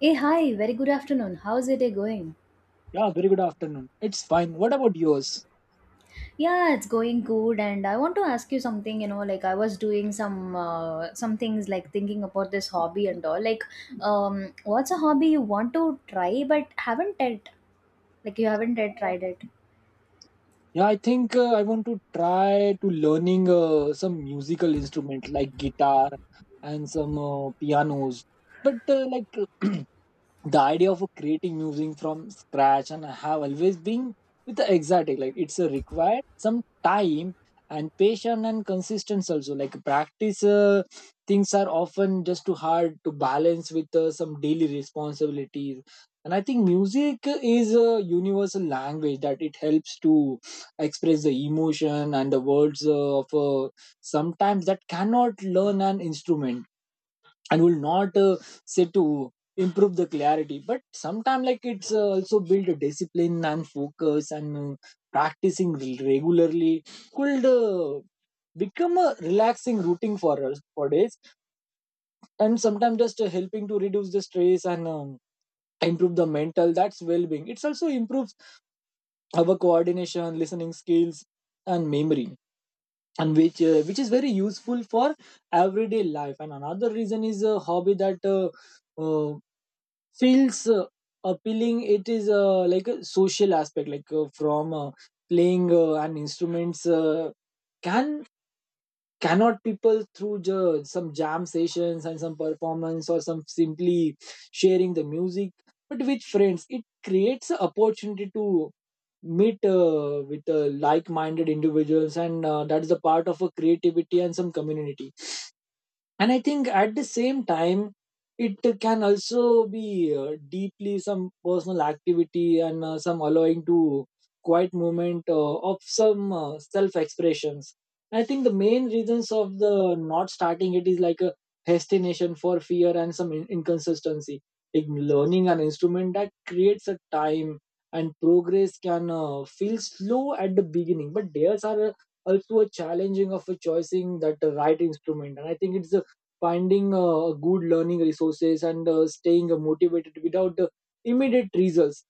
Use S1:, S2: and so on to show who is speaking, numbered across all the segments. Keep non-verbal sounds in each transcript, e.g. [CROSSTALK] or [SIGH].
S1: Hey, hi, very good afternoon. How's your day going?
S2: Yeah, very good afternoon. It's fine. What about yours?
S1: Yeah, it's going good, and I want to ask you something, like I was doing some things, like thinking about this hobby and all. Like, what's a hobby you want to try but haven't yet, like you haven't yet tried it?
S2: Yeah, I think I want to try to learning some musical instrument like guitar and some pianos. But like [CLEARS THROAT] the idea of creating music from scratch, and I have always been with the exotic, like it's a required some time and patience and consistency, also like practice, things are often just too hard to balance with some daily responsibilities. And I think music is a universal language that it helps to express the emotion and the words of sometimes that cannot learn an instrument and will not say to improve the clarity. But sometimes like it's also build a discipline and focus, and practicing regularly could become a relaxing routine for us for days, and sometimes just helping to reduce the stress and improve the mental that's well-being. It's also improves our coordination, listening skills and memory, and which is very useful for everyday life. And another reason is a hobby that uh, feels appealing. It is like a social aspect, like from playing and instruments can cannot people through some jam sessions and some performance, or some simply sharing the music but with friends. It creates an opportunity to meet with like-minded individuals, and that is a part of a creativity and some community. And I think at the same time it can also be deeply some personal activity, and some allowing to quiet moment of some self expressions. I think the main reasons of the not starting it is like a hesitation for fear and some inconsistency. Like learning an instrument that creates a time, and progress can feel slow at the beginning, but there's are also a challenging of a choosing that right instrument. And I think it's a finding good learning resources and staying motivated without immediate results.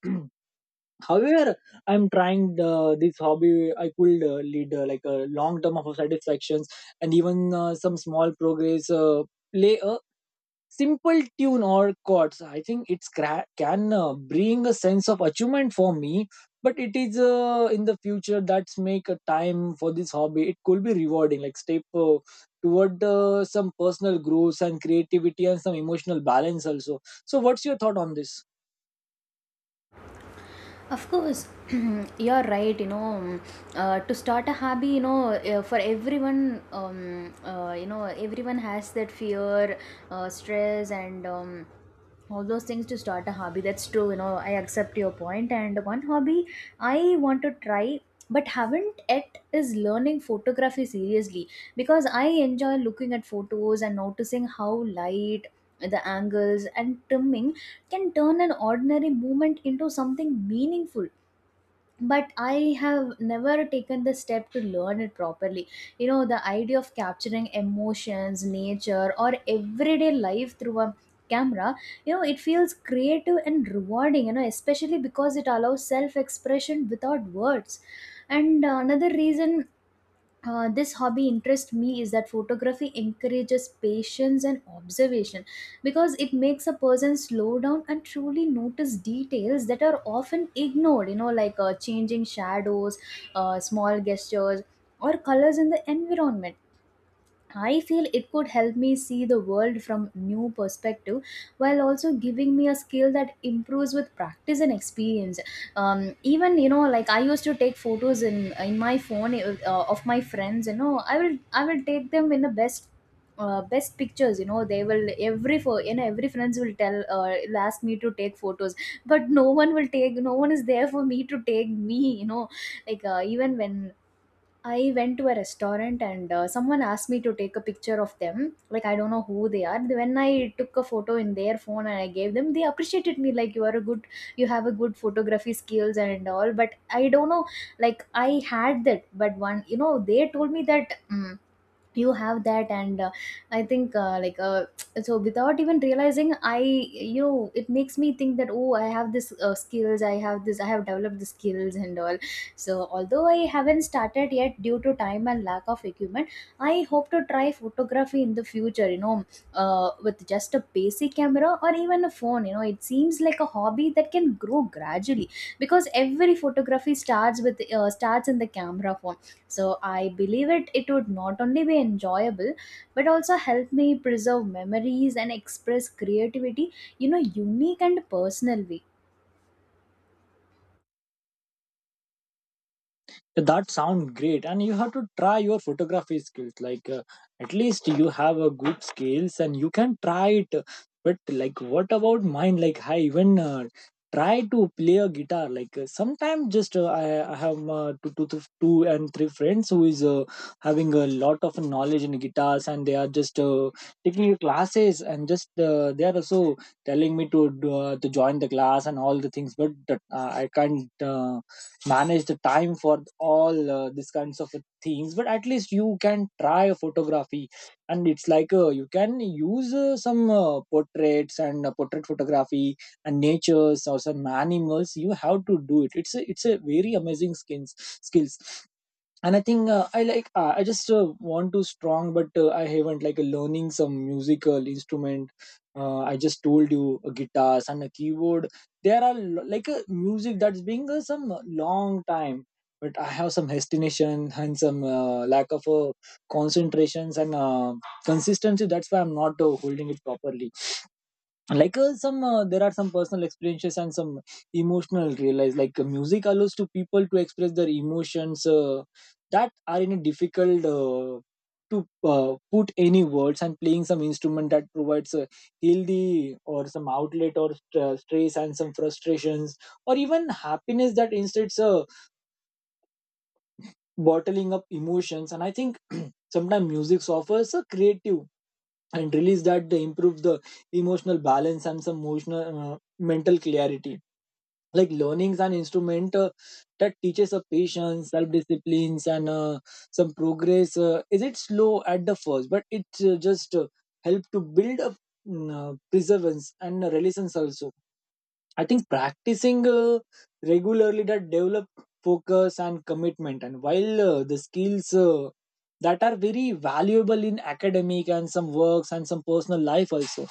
S2: [CLEARS THROAT] However, I'm trying this hobby, I could lead like a long term of satisfactions. And even some small progress, play a simple tune or chords, I think it's can bring a sense of achievement for me. But it is in the future that's make a time for this hobby, it could be rewarding like step toward some personal growth and creativity and some emotional balance also. So what's your thought on this?
S1: Of course, [CLEARS THROAT] you're right. To start a hobby, for everyone, everyone has that fear, stress, and all those things to start a hobby. That's true. I accept your point. And one hobby I want to try but haven't yet is learning photography seriously, because I enjoy looking at photos and noticing how light, the angles, and trimming can turn an ordinary moment into something meaningful. But I have never taken the step to learn it properly. The idea of capturing emotions, nature, or everyday life through a camera. It feels creative and rewarding, especially because it allows self expression without words. And another reason this hobby interest me is that photography encourages patience and observation, because it makes a person slow down and truly notice details that are often ignored, like changing shadows, small gestures, or colors in the environment. I feel it could help me see the world from new perspective, while also giving me a skill that improves with practice and experience. Even, like, I used to take photos in my phone of my friends. I will take them in the best pictures. They will every for, every friends will tell will ask me to take photos. But no one will take, no one is there for me to take me. Like, even when I went to a restaurant and someone asked me to take a picture of them. Like, I don't know who they are. When I took a photo in their phone and I gave them, they appreciated me. Like, you are a good, you have a good photography skills and all. But I don't know, like, I had that. But one, you know, they told me that. You have that, and I think [TSK] so without even realizing I, it makes me think that, oh, I have this skills, I have this, I have developed the skills and all. So although I haven't started yet due to time and lack of equipment, I hope to try photography in the future, with just a basic camera or even a phone. It seems like a hobby that can grow gradually, because every photography starts in the camera phone. So I believe it would not only be enjoyable, but also help me preserve memories and express creativity, unique and personal way.
S2: That sounds great, and you have to try your photography skills, at least you have a good skills and you can try it. But like what about mine? Like I even try to play a guitar, like sometimes just I have two and three friends who is having a lot of knowledge in guitars, and they are just taking classes, and just they are also telling me to join the class and all the things. But I can't manage the time for all these kinds of things. But at least you can try photography, and it's like you can use some portraits and portrait photography and natures or some animals. You have to do it. It's a very amazing skins skills. And I think I just want to strong, but I haven't like learning some musical instrument. I just told you a guitars and a keyboard. There are like a music that's being some long time. But I have some hesitation and some lack of concentrations and consistency. That's why I'm not holding it properly. Like some there are some personal experiences and some emotional realize, like music allows to people to express their emotions that are in a difficult to put any words, and playing some instrument that provides a healthy or some outlet or stress and some frustrations or even happiness, that instead bottling up emotions. And I think sometimes music offers a creative and release that improves the emotional balance and some emotional mental clarity. Like learning's an instrument that teaches a patience self-disciplines, and some progress is it slow at the first, but it just help to build up perseverance and resilience also. I think practicing regularly that develop focus and commitment, and while the skills that are very valuable in academic and some works and some personal life also.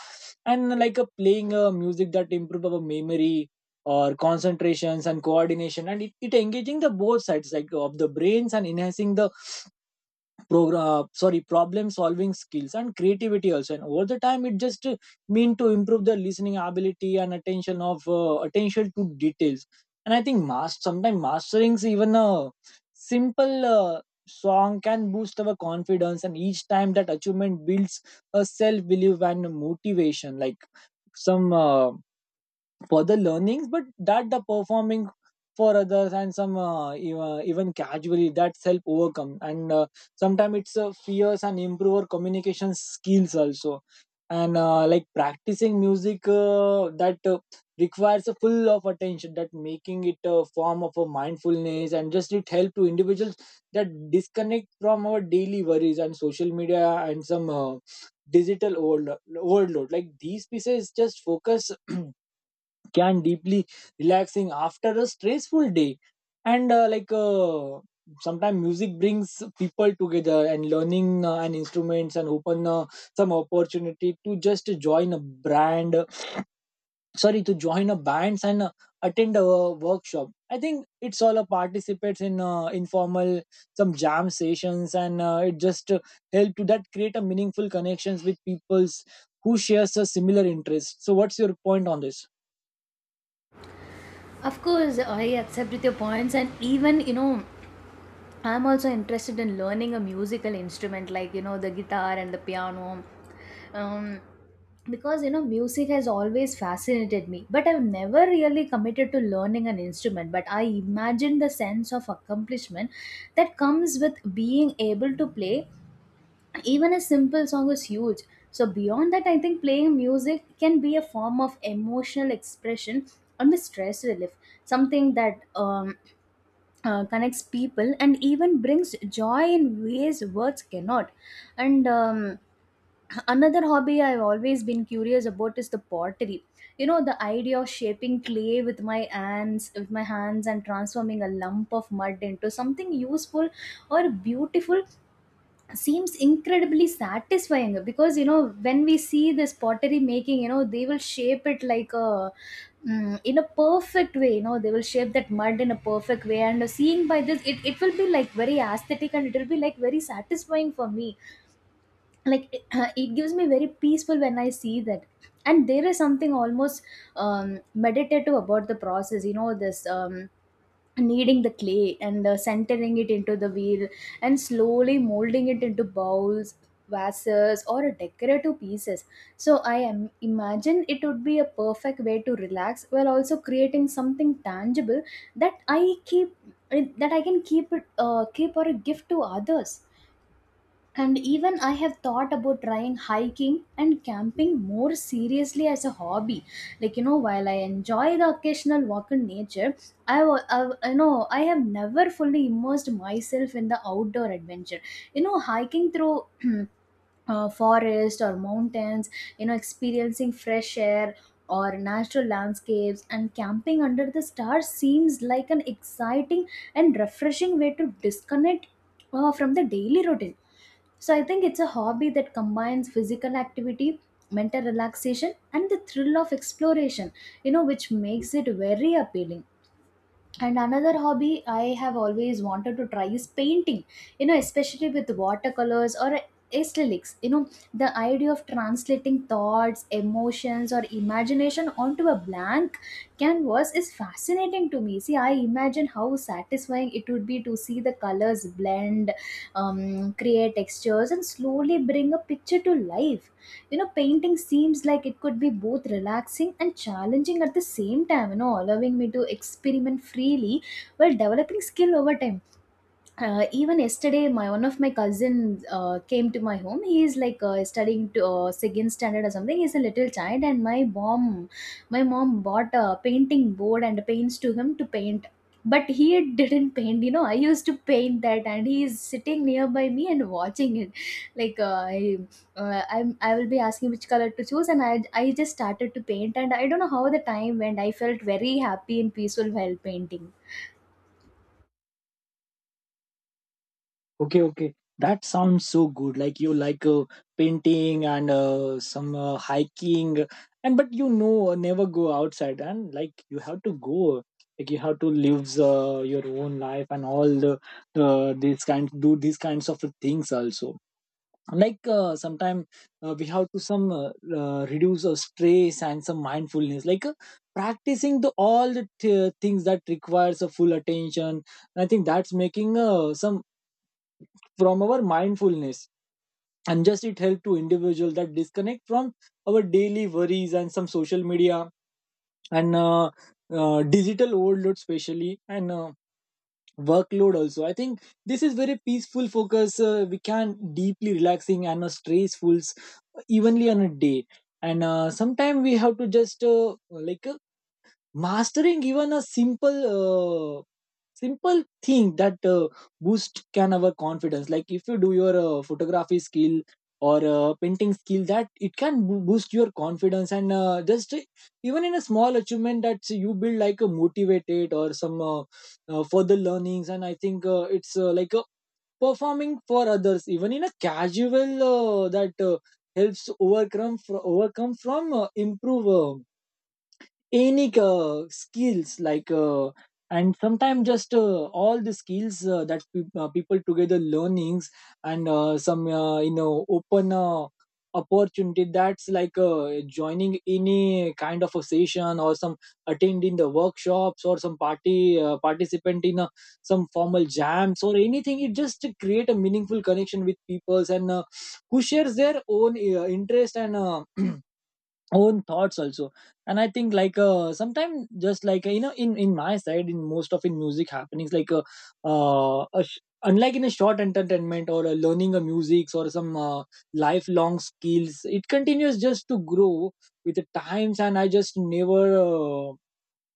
S2: And like a playing music that improve our memory or concentrations and coordination, and it engaging the both sides like of the brains and enhancing the program sorry problem solving skills and creativity also. And over the time it just mean to improve the listening ability and attention of attention to details. And I think sometimes mastering even a simple song can boost our confidence, and each time that achievement builds a self belief and motivation. Like some for the learnings, but that the performing for others and some even casually that help overcome and sometimes it's fears and improve our communication skills also. And like practicing music that requires a full of attention, that making it a form of a mindfulness, and just it help to individuals that disconnect from our daily worries and social media and some digital overload. Like these pieces just focus [CLEARS THROAT] can deeply relaxing after a stressful day. And sometimes music brings people together, and learning an instruments and open some opportunity to just join a brand sorry to join a bands and attend a workshop. I think it's all a participates in informal some jam sessions, and it just help to that create a meaningful connections with peoples who shares a similar interest. So what's your point on this?
S1: Of course, I accept with your points, and even I'm also interested in learning a musical instrument, like the guitar and the piano. um, because music has always fascinated me, but I've never really committed to learning an instrument. But I imagine the sense of accomplishment that comes with being able to play even a simple song is huge. So beyond that, I think playing music can be a form of emotional expression and the stress relief, something that connects people and even brings joy in ways words cannot. And another hobby I've always been curious about is the pottery. The idea of shaping clay with my hands and transforming a lump of mud into something useful or beautiful seems incredibly satisfying, because when we see this pottery making, they will shape it like a, in a perfect way. They will shape that mud in a perfect way, and seeing by this, it will be like very aesthetic, and it will be like very satisfying for me. Like it, [CLEARS THROAT] it gives me very peaceful when I see that. And there is something almost meditative about the process. This kneading the clay, and centering it into the wheel, and slowly molding it into bowls, vases, or decorative pieces. So I am imagine it would be a perfect way to relax, while also creating something tangible that I keep that I can keep it keep or a gift to others. And even I have thought about trying hiking and camping more seriously as a hobby. Like, while I enjoy the occasional walk in nature, I know I have never fully immersed myself in the outdoor adventure. Hiking through [CLEARS THROAT] forest or mountains, experiencing fresh air or natural landscapes, and camping under the stars seems like an exciting and refreshing way to disconnect from the daily routine. So I think it's a hobby that combines physical activity, mental relaxation, and the thrill of exploration, which makes it very appealing. And another hobby I have always wanted to try is painting, especially with watercolors or acrylics. The idea of translating thoughts, emotions, or imagination onto a blank canvas is fascinating to me. See, I imagine how satisfying it would be to see the colors blend, create textures, and slowly bring a picture to life. Painting seems like it could be both relaxing and challenging at the same time, allowing me to experiment freely while developing skill over time. Even yesterday, my one of my cousins came to my home. He is like studying to second standard or something. He's a little child, and my mom bought a painting board and paints to him to paint. But he didn't paint. I used to paint that, and he is sitting nearby me and watching it. Like, I will be asking which color to choose, and I just started to paint, and I don't know how the time went. I felt very happy and peaceful while painting.
S2: Okay, okay. That sounds so good. Like you like painting and some hiking, and but you know never go outside, and like you have to go. Like you have to live your own life and all the these kinds of things also. Like sometimes we have to some reduce our stress and some mindfulness, like practicing the all the things that requires a full attention. And I think that's making some from our mindfulness, and just it help to individual that disconnect from our daily worries and some social media and digital overload especially, and workload also. I think this is very peaceful focus, we can deeply relaxing and stressful evenly on a day. And sometimes we have to just mastering even a simple thing that boost can our confidence. Like if you do your photography skill or painting skill, that it can boost your confidence, and just even in a small achievement that you build like a motivated or some further learnings. And I think it's like a performing for others even in a casual that helps overcome fr- overcome from improve any skills like and sometimes just all the skills that people together learnings and some you know open opportunity that's like joining any kind of a session or some attending the workshops or some party participant in some formal jams or anything. It just to create a meaningful connection with peoples and who shares their own interest and [CLEARS THROAT] own thoughts also. And I think like sometimes just like you know in my side in most of in music happenings like uh a sh- unlike in a short entertainment or a learning a music or some lifelong skills, it continues just to grow with the times. And I just never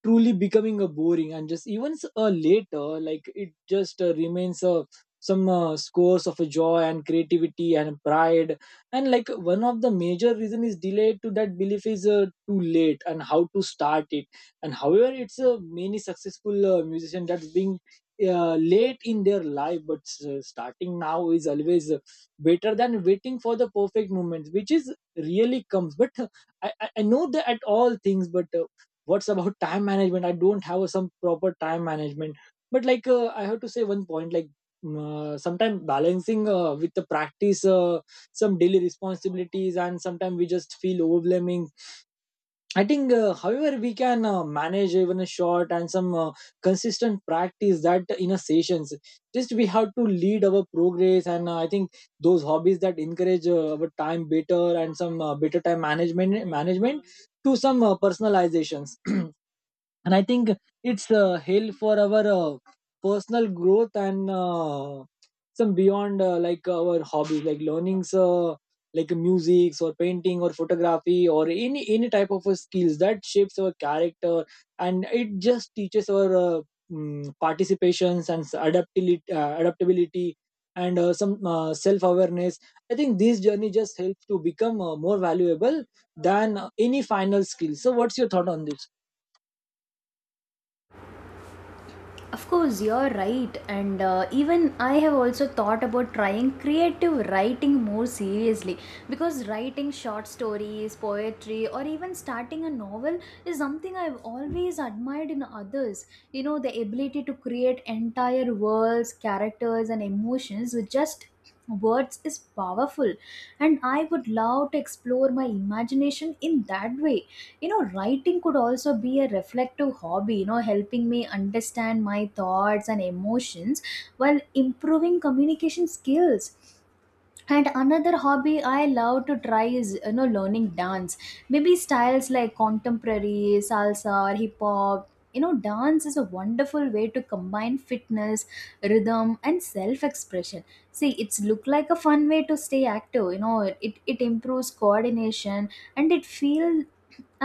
S2: truly becoming a boring, and just even a later like it just remains some scores of a joy and creativity and pride. And like one of the major reason is delayed to that belief is too late and how to start it. And however it's many successful musician that's being late in their life. But starting now is always better than waiting for the perfect moment, which is really comes. But [LAUGHS] I know that at all things. But what's about time management? I don't have some proper time management, but like I have to say One point, like sometimes balancing with the practice, some daily responsibilities, and sometimes we just feel overwhelming. I think however, we can manage even a short and some consistent practice that in a sessions, just we have to lead our progress. And I think those hobbies that encourage our time better and some better time management to some personalizations. [CLEARS THROAT] And I think it's a for our personal growth and some beyond like our hobbies, like learnings like music or painting or photography or any type of skills that shapes our character. And it just teaches our participations and adaptability and some self awareness. I think this journey just helps to become more valuable than any final skill. So what's your thought on this?
S1: Of course, you're right, and even I have also thought about trying creative writing more seriously, because writing short stories, poetry, or even starting a novel is something I've always admired in others. The ability to create entire worlds, characters, and emotions with just words is powerful, and I would love to explore my imagination in that way. Writing could also be a reflective hobby, helping me understand my thoughts and emotions while improving communication skills. And another hobby I love to try is, learning dance, maybe styles like contemporary, salsa, or hip hop. Dance is a wonderful way to combine fitness, rhythm, and self expression. See, it's look like a fun way to stay active. It improves coordination, and it feel,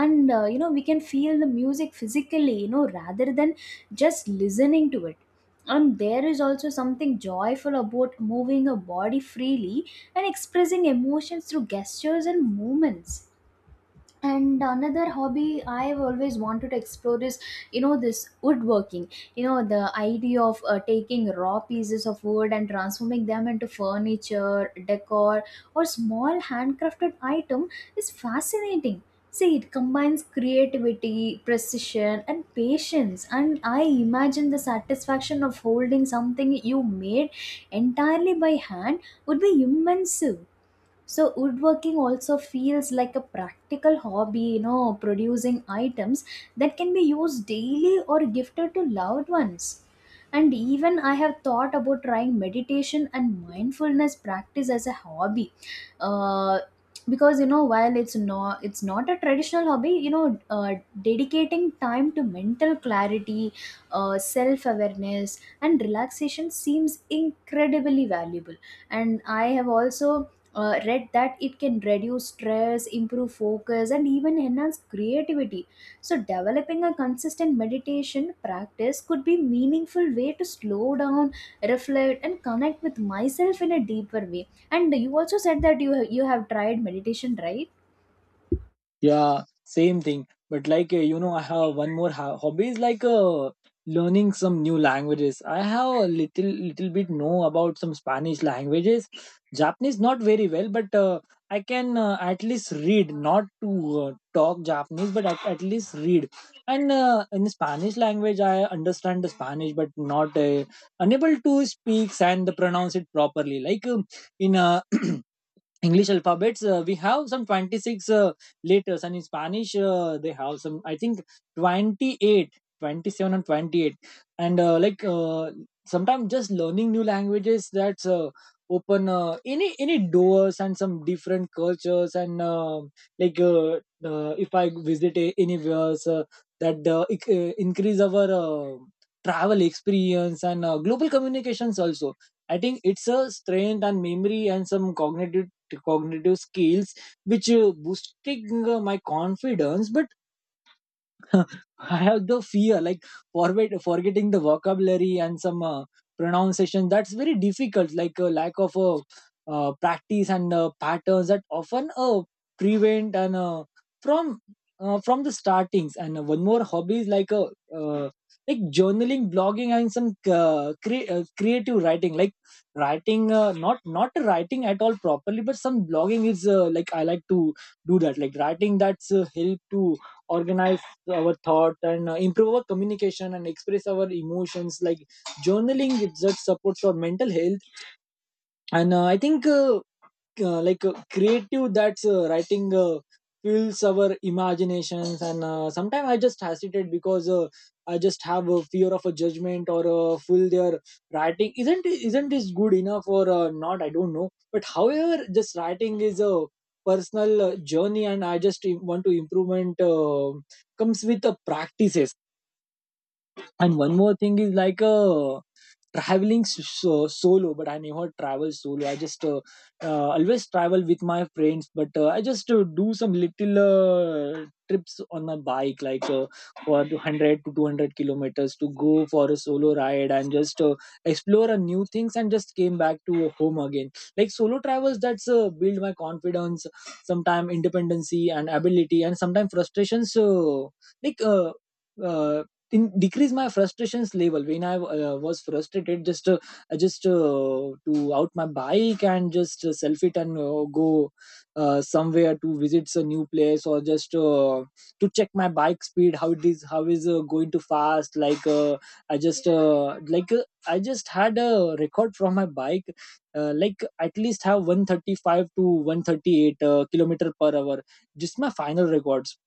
S1: and we can feel the music physically, rather than just listening to it. And there is also something joyful about moving a body freely and expressing emotions through gestures and movements. And another hobby I've always wanted to explore is, this woodworking. The idea of taking raw pieces of wood and transforming them into furniture, decor, or small handcrafted item is fascinating. See, it combines creativity, precision, and patience, and I imagine the satisfaction of holding something you made entirely by hand would be immense. So woodworking also feels like a practical hobby, producing items that can be used daily or gifted to loved ones. And even I have thought about trying meditation and mindfulness practice as a hobby. Uh, because while it's not a traditional hobby, dedicating time to mental clarity, self awareness, and relaxation seems incredibly valuable. And I have also read that it can reduce stress, improve focus, and even enhance creativity. So, developing a consistent meditation practice could be meaningful way to slow down, reflect, and connect with myself in a deeper way. And you also said that you have tried meditation, right?
S2: Yeah, same thing. But like, I have one more hobby is like learning some new languages. I have a little bit know about some Spanish languages, Japanese not very well, but I can at least read. Not to talk Japanese, but at least read. And in Spanish language, I understand the Spanish, but not unable to speak and pronounce it properly. Like in [CLEARS THROAT] English alphabets, we have some 26 letters, and in Spanish, they have some, I think, 28 27 and 28. And sometimes just learning new languages, that's open any doors and some different cultures. And like uh, if I visit anywhere, so that increase our travel experience and global communications also. I think it's a strength and memory and some cognitive skills which boosting my confidence. But [LAUGHS] I have the fear, like forgetting the vocabulary and some pronunciation. That's very difficult, like a lack of practice and patterns that often prevent and from from the startings. And one more hobby is like a uh, like journaling, blogging, and some creative writing, like writing not writing at all properly, but some blogging is like I like to do that. Like writing that's help to organize our thought and improve our communication and express our emotions. Like journaling, it just supports our mental health. And I think like creative that's writing fuels our imaginations. And sometimes I just hesitate because I just have a fear of a judgment or a full their writing isn't this good enough or not, I don't know. But however, just writing is a personal journey, and I just want to improvement comes with the practices. And one more thing is like traveling so, solo, but I never travel solo. I just always travel with my friends, but I just do some little trips on my bike, like for 100 to 200 kilometers to go for a solo ride and just explore a new things and just came back to home again. Like solo travels, that's build my confidence, sometime independency and ability, and sometimes frustrations. So like uh, uh, in decrease my frustrations level. When I was frustrated, just I just to out my bike and just self it and go somewhere to visit a new place, or just to check my bike speed, how it is, how is going to fast. Like I just had a record from my bike like at least have 135 to 138 kilometer per hour, just my final records.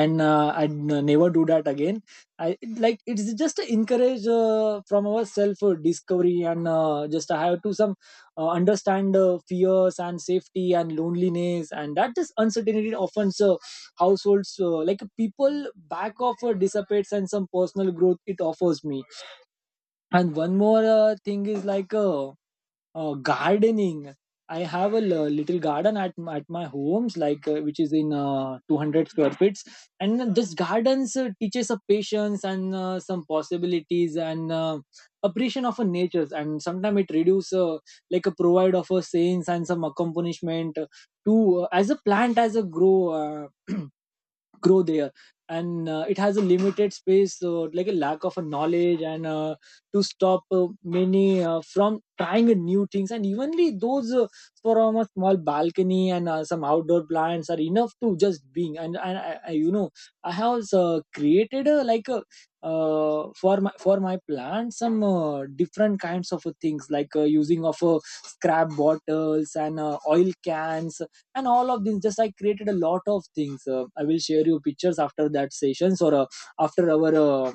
S2: And I never do that again. I, like it's just a encourage from our self discovery. And just I have to some understand fears and safety and loneliness and that is uncertainty often. So households like people back off dissipates and some personal growth it offers me. And one more thing is like gardening. I have a little garden at my homes, like which is in 200 square feet. And this gardens teaches a patience and some possibilities and appreciation of a nature. And sometimes it reduces like a provide of a sense and some accompaniment to as a plant as a grow [CLEARS THROAT] grow there. And it has a limited space like a lack of a knowledge and to stop many from trying a new things. And evenly those from a small balcony and some outdoor plants are enough to just being. And you know, I have created like a for my plant some different kinds of things, like using of scrap bottles and oil cans. And all of this, just I created a lot of things. I will share you pictures after that sessions, or after our uh,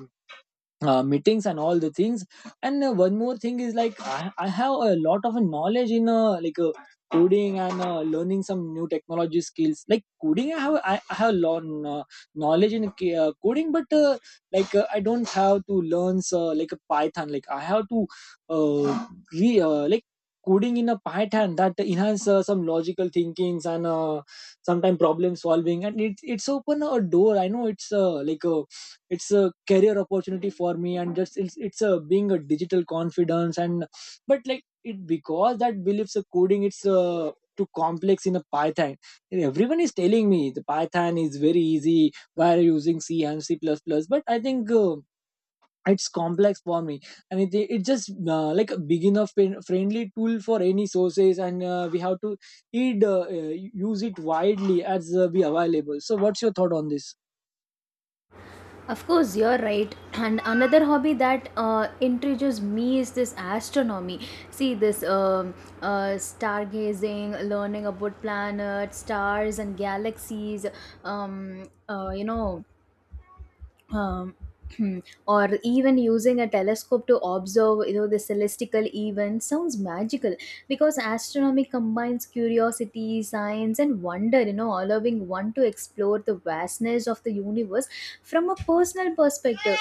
S2: uh, meetings and all the things. And one more thing is like I have a lot of knowledge in coding and learning some new technology skills. Like coding, I have learn knowledge in coding. But I don't have to learn like a python. Like I have to uh, re like coding in a python that enhance some logical thinkings and sometimes problem solving. And it's open a door. I know it's like a it's a career opportunity for me, and just it's a being a digital confidence. And but like it, because that believes a coding, it's too complex in a python. And everyone is telling me the python is very easy by using C and C++, but I think it's complex for me. And it just like a beginner friendly tool for any sources. And we have to it use it widely as be available. So what's your thought on this?
S1: Of course, you're right. And another hobby that introduces me is this astronomy. See, this stargazing, learning about planets, stars, and galaxies, um, uh, you know. Um, [CLEARS THROAT] Hmm. Or even using a telescope to observe, the celestial events sounds magical, because astronomy combines curiosity, science, and wonder, allowing one to explore the vastness of the universe from a personal perspective.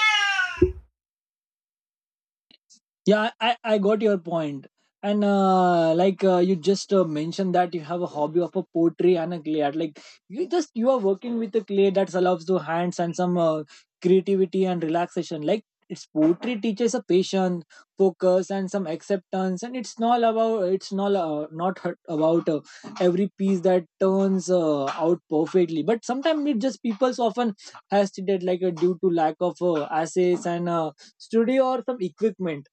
S2: Yeah, I got your point. And you just mentioned that you have a hobby of a pottery and a clay art. Like you just you are working with a clay that allows the hands and some creativity and relaxation. Like it's poetry teaches a patience focus and some acceptance. And it's not about, it's not not hurt about every piece that turns out perfectly. But sometimes it just people's often hesitate, like due to lack of assets and studio or some equipment.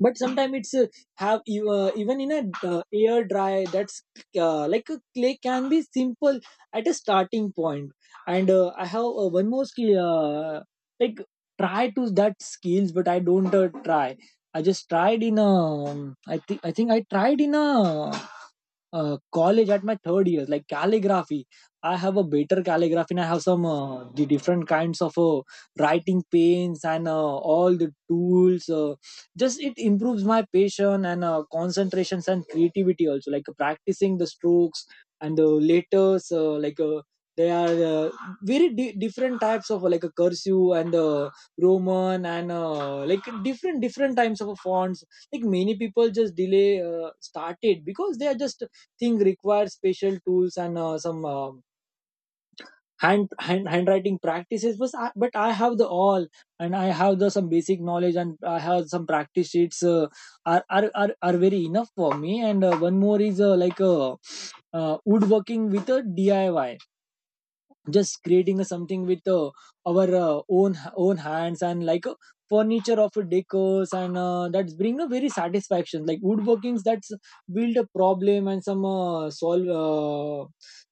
S2: But sometimes it's have you, even in a air dry, that's like a clay can be simple at a starting point. And I have one more skill like try to that skills, but I don't try. I just tried in a I think I tried in a college at my third years, like calligraphy. I have a better calligraphy, and I have some the different kinds of writing paints and all the tools. Just it improves my patience and concentrations and creativity also, like practicing the strokes and the letters they are very different types of like a cursive and roman and like different types of fonts. Like many people just delay started because they are just thing required special tools and some handwriting practices. But but I have the all, and I have the some basic knowledge, and I have some practice sheets are very enough for me. And one more is woodworking with a DIY. Just creating a something with our own hands, and like furniture of decors. And that's bring a very satisfaction. Like woodworkings, that's build a problem and some solve uh,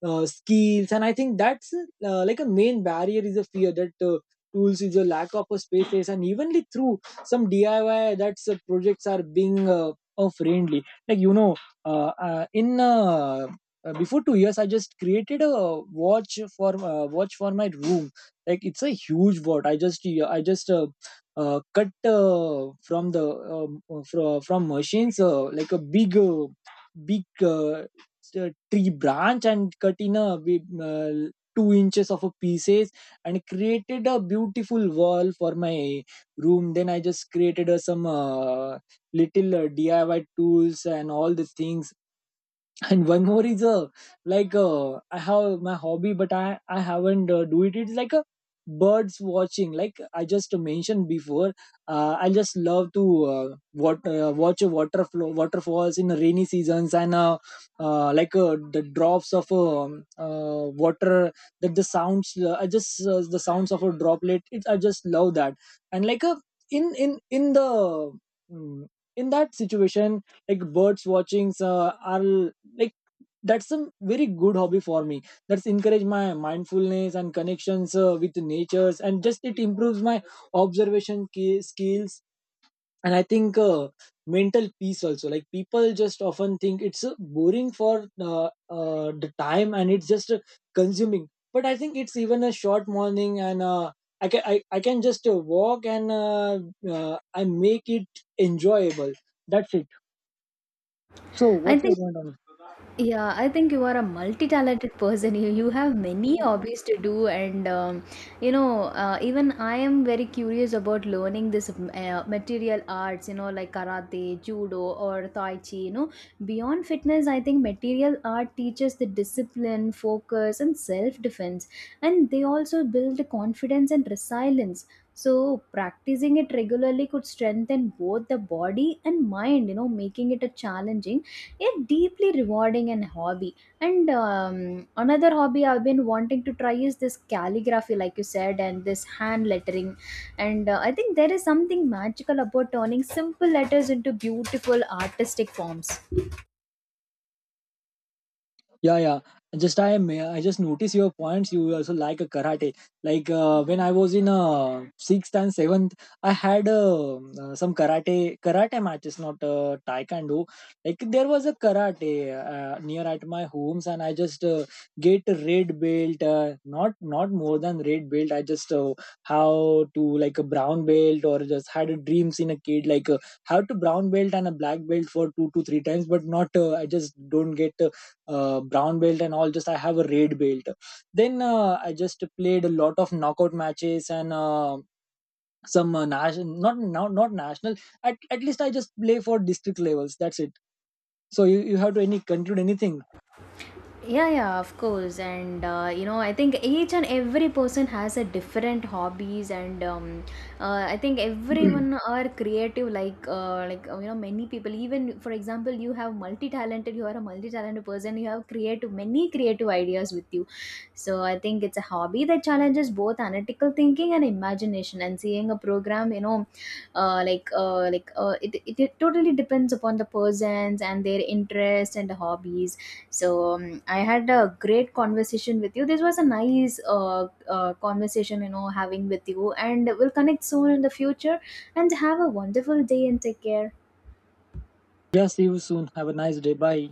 S2: uh, skills. And I think that's like a main barrier is a fear that tools is a lack of a spaces. And evenly through some DIY, that's projects are being friendly, like you know. In Before 2 years, I just created a watch for watch for my room. Like it's a huge watch. I just, yeah, I just cut from the from machines like a big tree branch, and cut in a big, 2 inches of a pieces, and created a beautiful wall for my room. Then I just created some little DIY tools and all the things. And one more is I have my hobby, but I haven't do it. It's like a birds watching, like I just mentioned before. I just love to uh, watch a water flow, waterfalls in the rainy seasons. And the drops of water, that the sounds I just the sounds of a droplet, I just love that. And like a in the mm, in that situation, like birds watching's are like that's a very good hobby for me. That's encourage my mindfulness and connections with natures, and just it improves my observation skills, and I think mental peace also. Like people just often think it's boring for the time, and it's just consuming. But I think it's even a short morning, and I can just walk and I make it enjoyable. That's it. So
S1: I
S2: what's your
S1: think,
S2: point
S1: yeah, I think you are a multi-talented
S2: on
S1: person. You have many
S2: it?
S1: hobbies to do, and even I am very curious about learning this material arts. Like karate, judo, or tai chi. Beyond fitness, I think material art teaches the discipline, focus, and self-defense, and they also build confidence and resilience. So, practicing it regularly could strengthen both the body and mind. Making it a challenging, a deeply rewarding and hobby. And another hobby I've been wanting to try is this calligraphy, like you said, and this hand lettering. And I think there is something magical about turning simple letters into beautiful artistic forms.
S2: Yeah, yeah. Just I am. I just notice your points. You also like a karate. Like when I was in sixth and seventh, I had some karate matches, not taekwondo. Like there was a karate near at my homes, and I just get a red belt. Not not more than red belt. I just how to like a brown belt, or just had a dreams in a kid, like how to brown belt and a black belt for two to three times, but not. I just don't get brown belt and all. Just I have a red belt. Then I just played a lot of knockout matches and some national, not national. At least I just play for district levels. That's it. So you have to any conclude anything?
S1: Yeah, yeah, of course. And I think each and every person has a different hobbies, and I think everyone
S2: [CLEARS THROAT]
S1: are creative. Like, many people. Even for example, you have multi-talented. You are a multi-talented person. You have creative, many creative ideas with you. So I think it's a hobby that challenges both analytical thinking and imagination. And seeing a program, it totally depends upon the persons and their interests and hobbies. So I had a great conversation with you. This was a nice conversation, having with you, and we'll connect soon in the future. And have a wonderful day and take care.
S2: Yeah, see you soon. Have a nice day. Bye.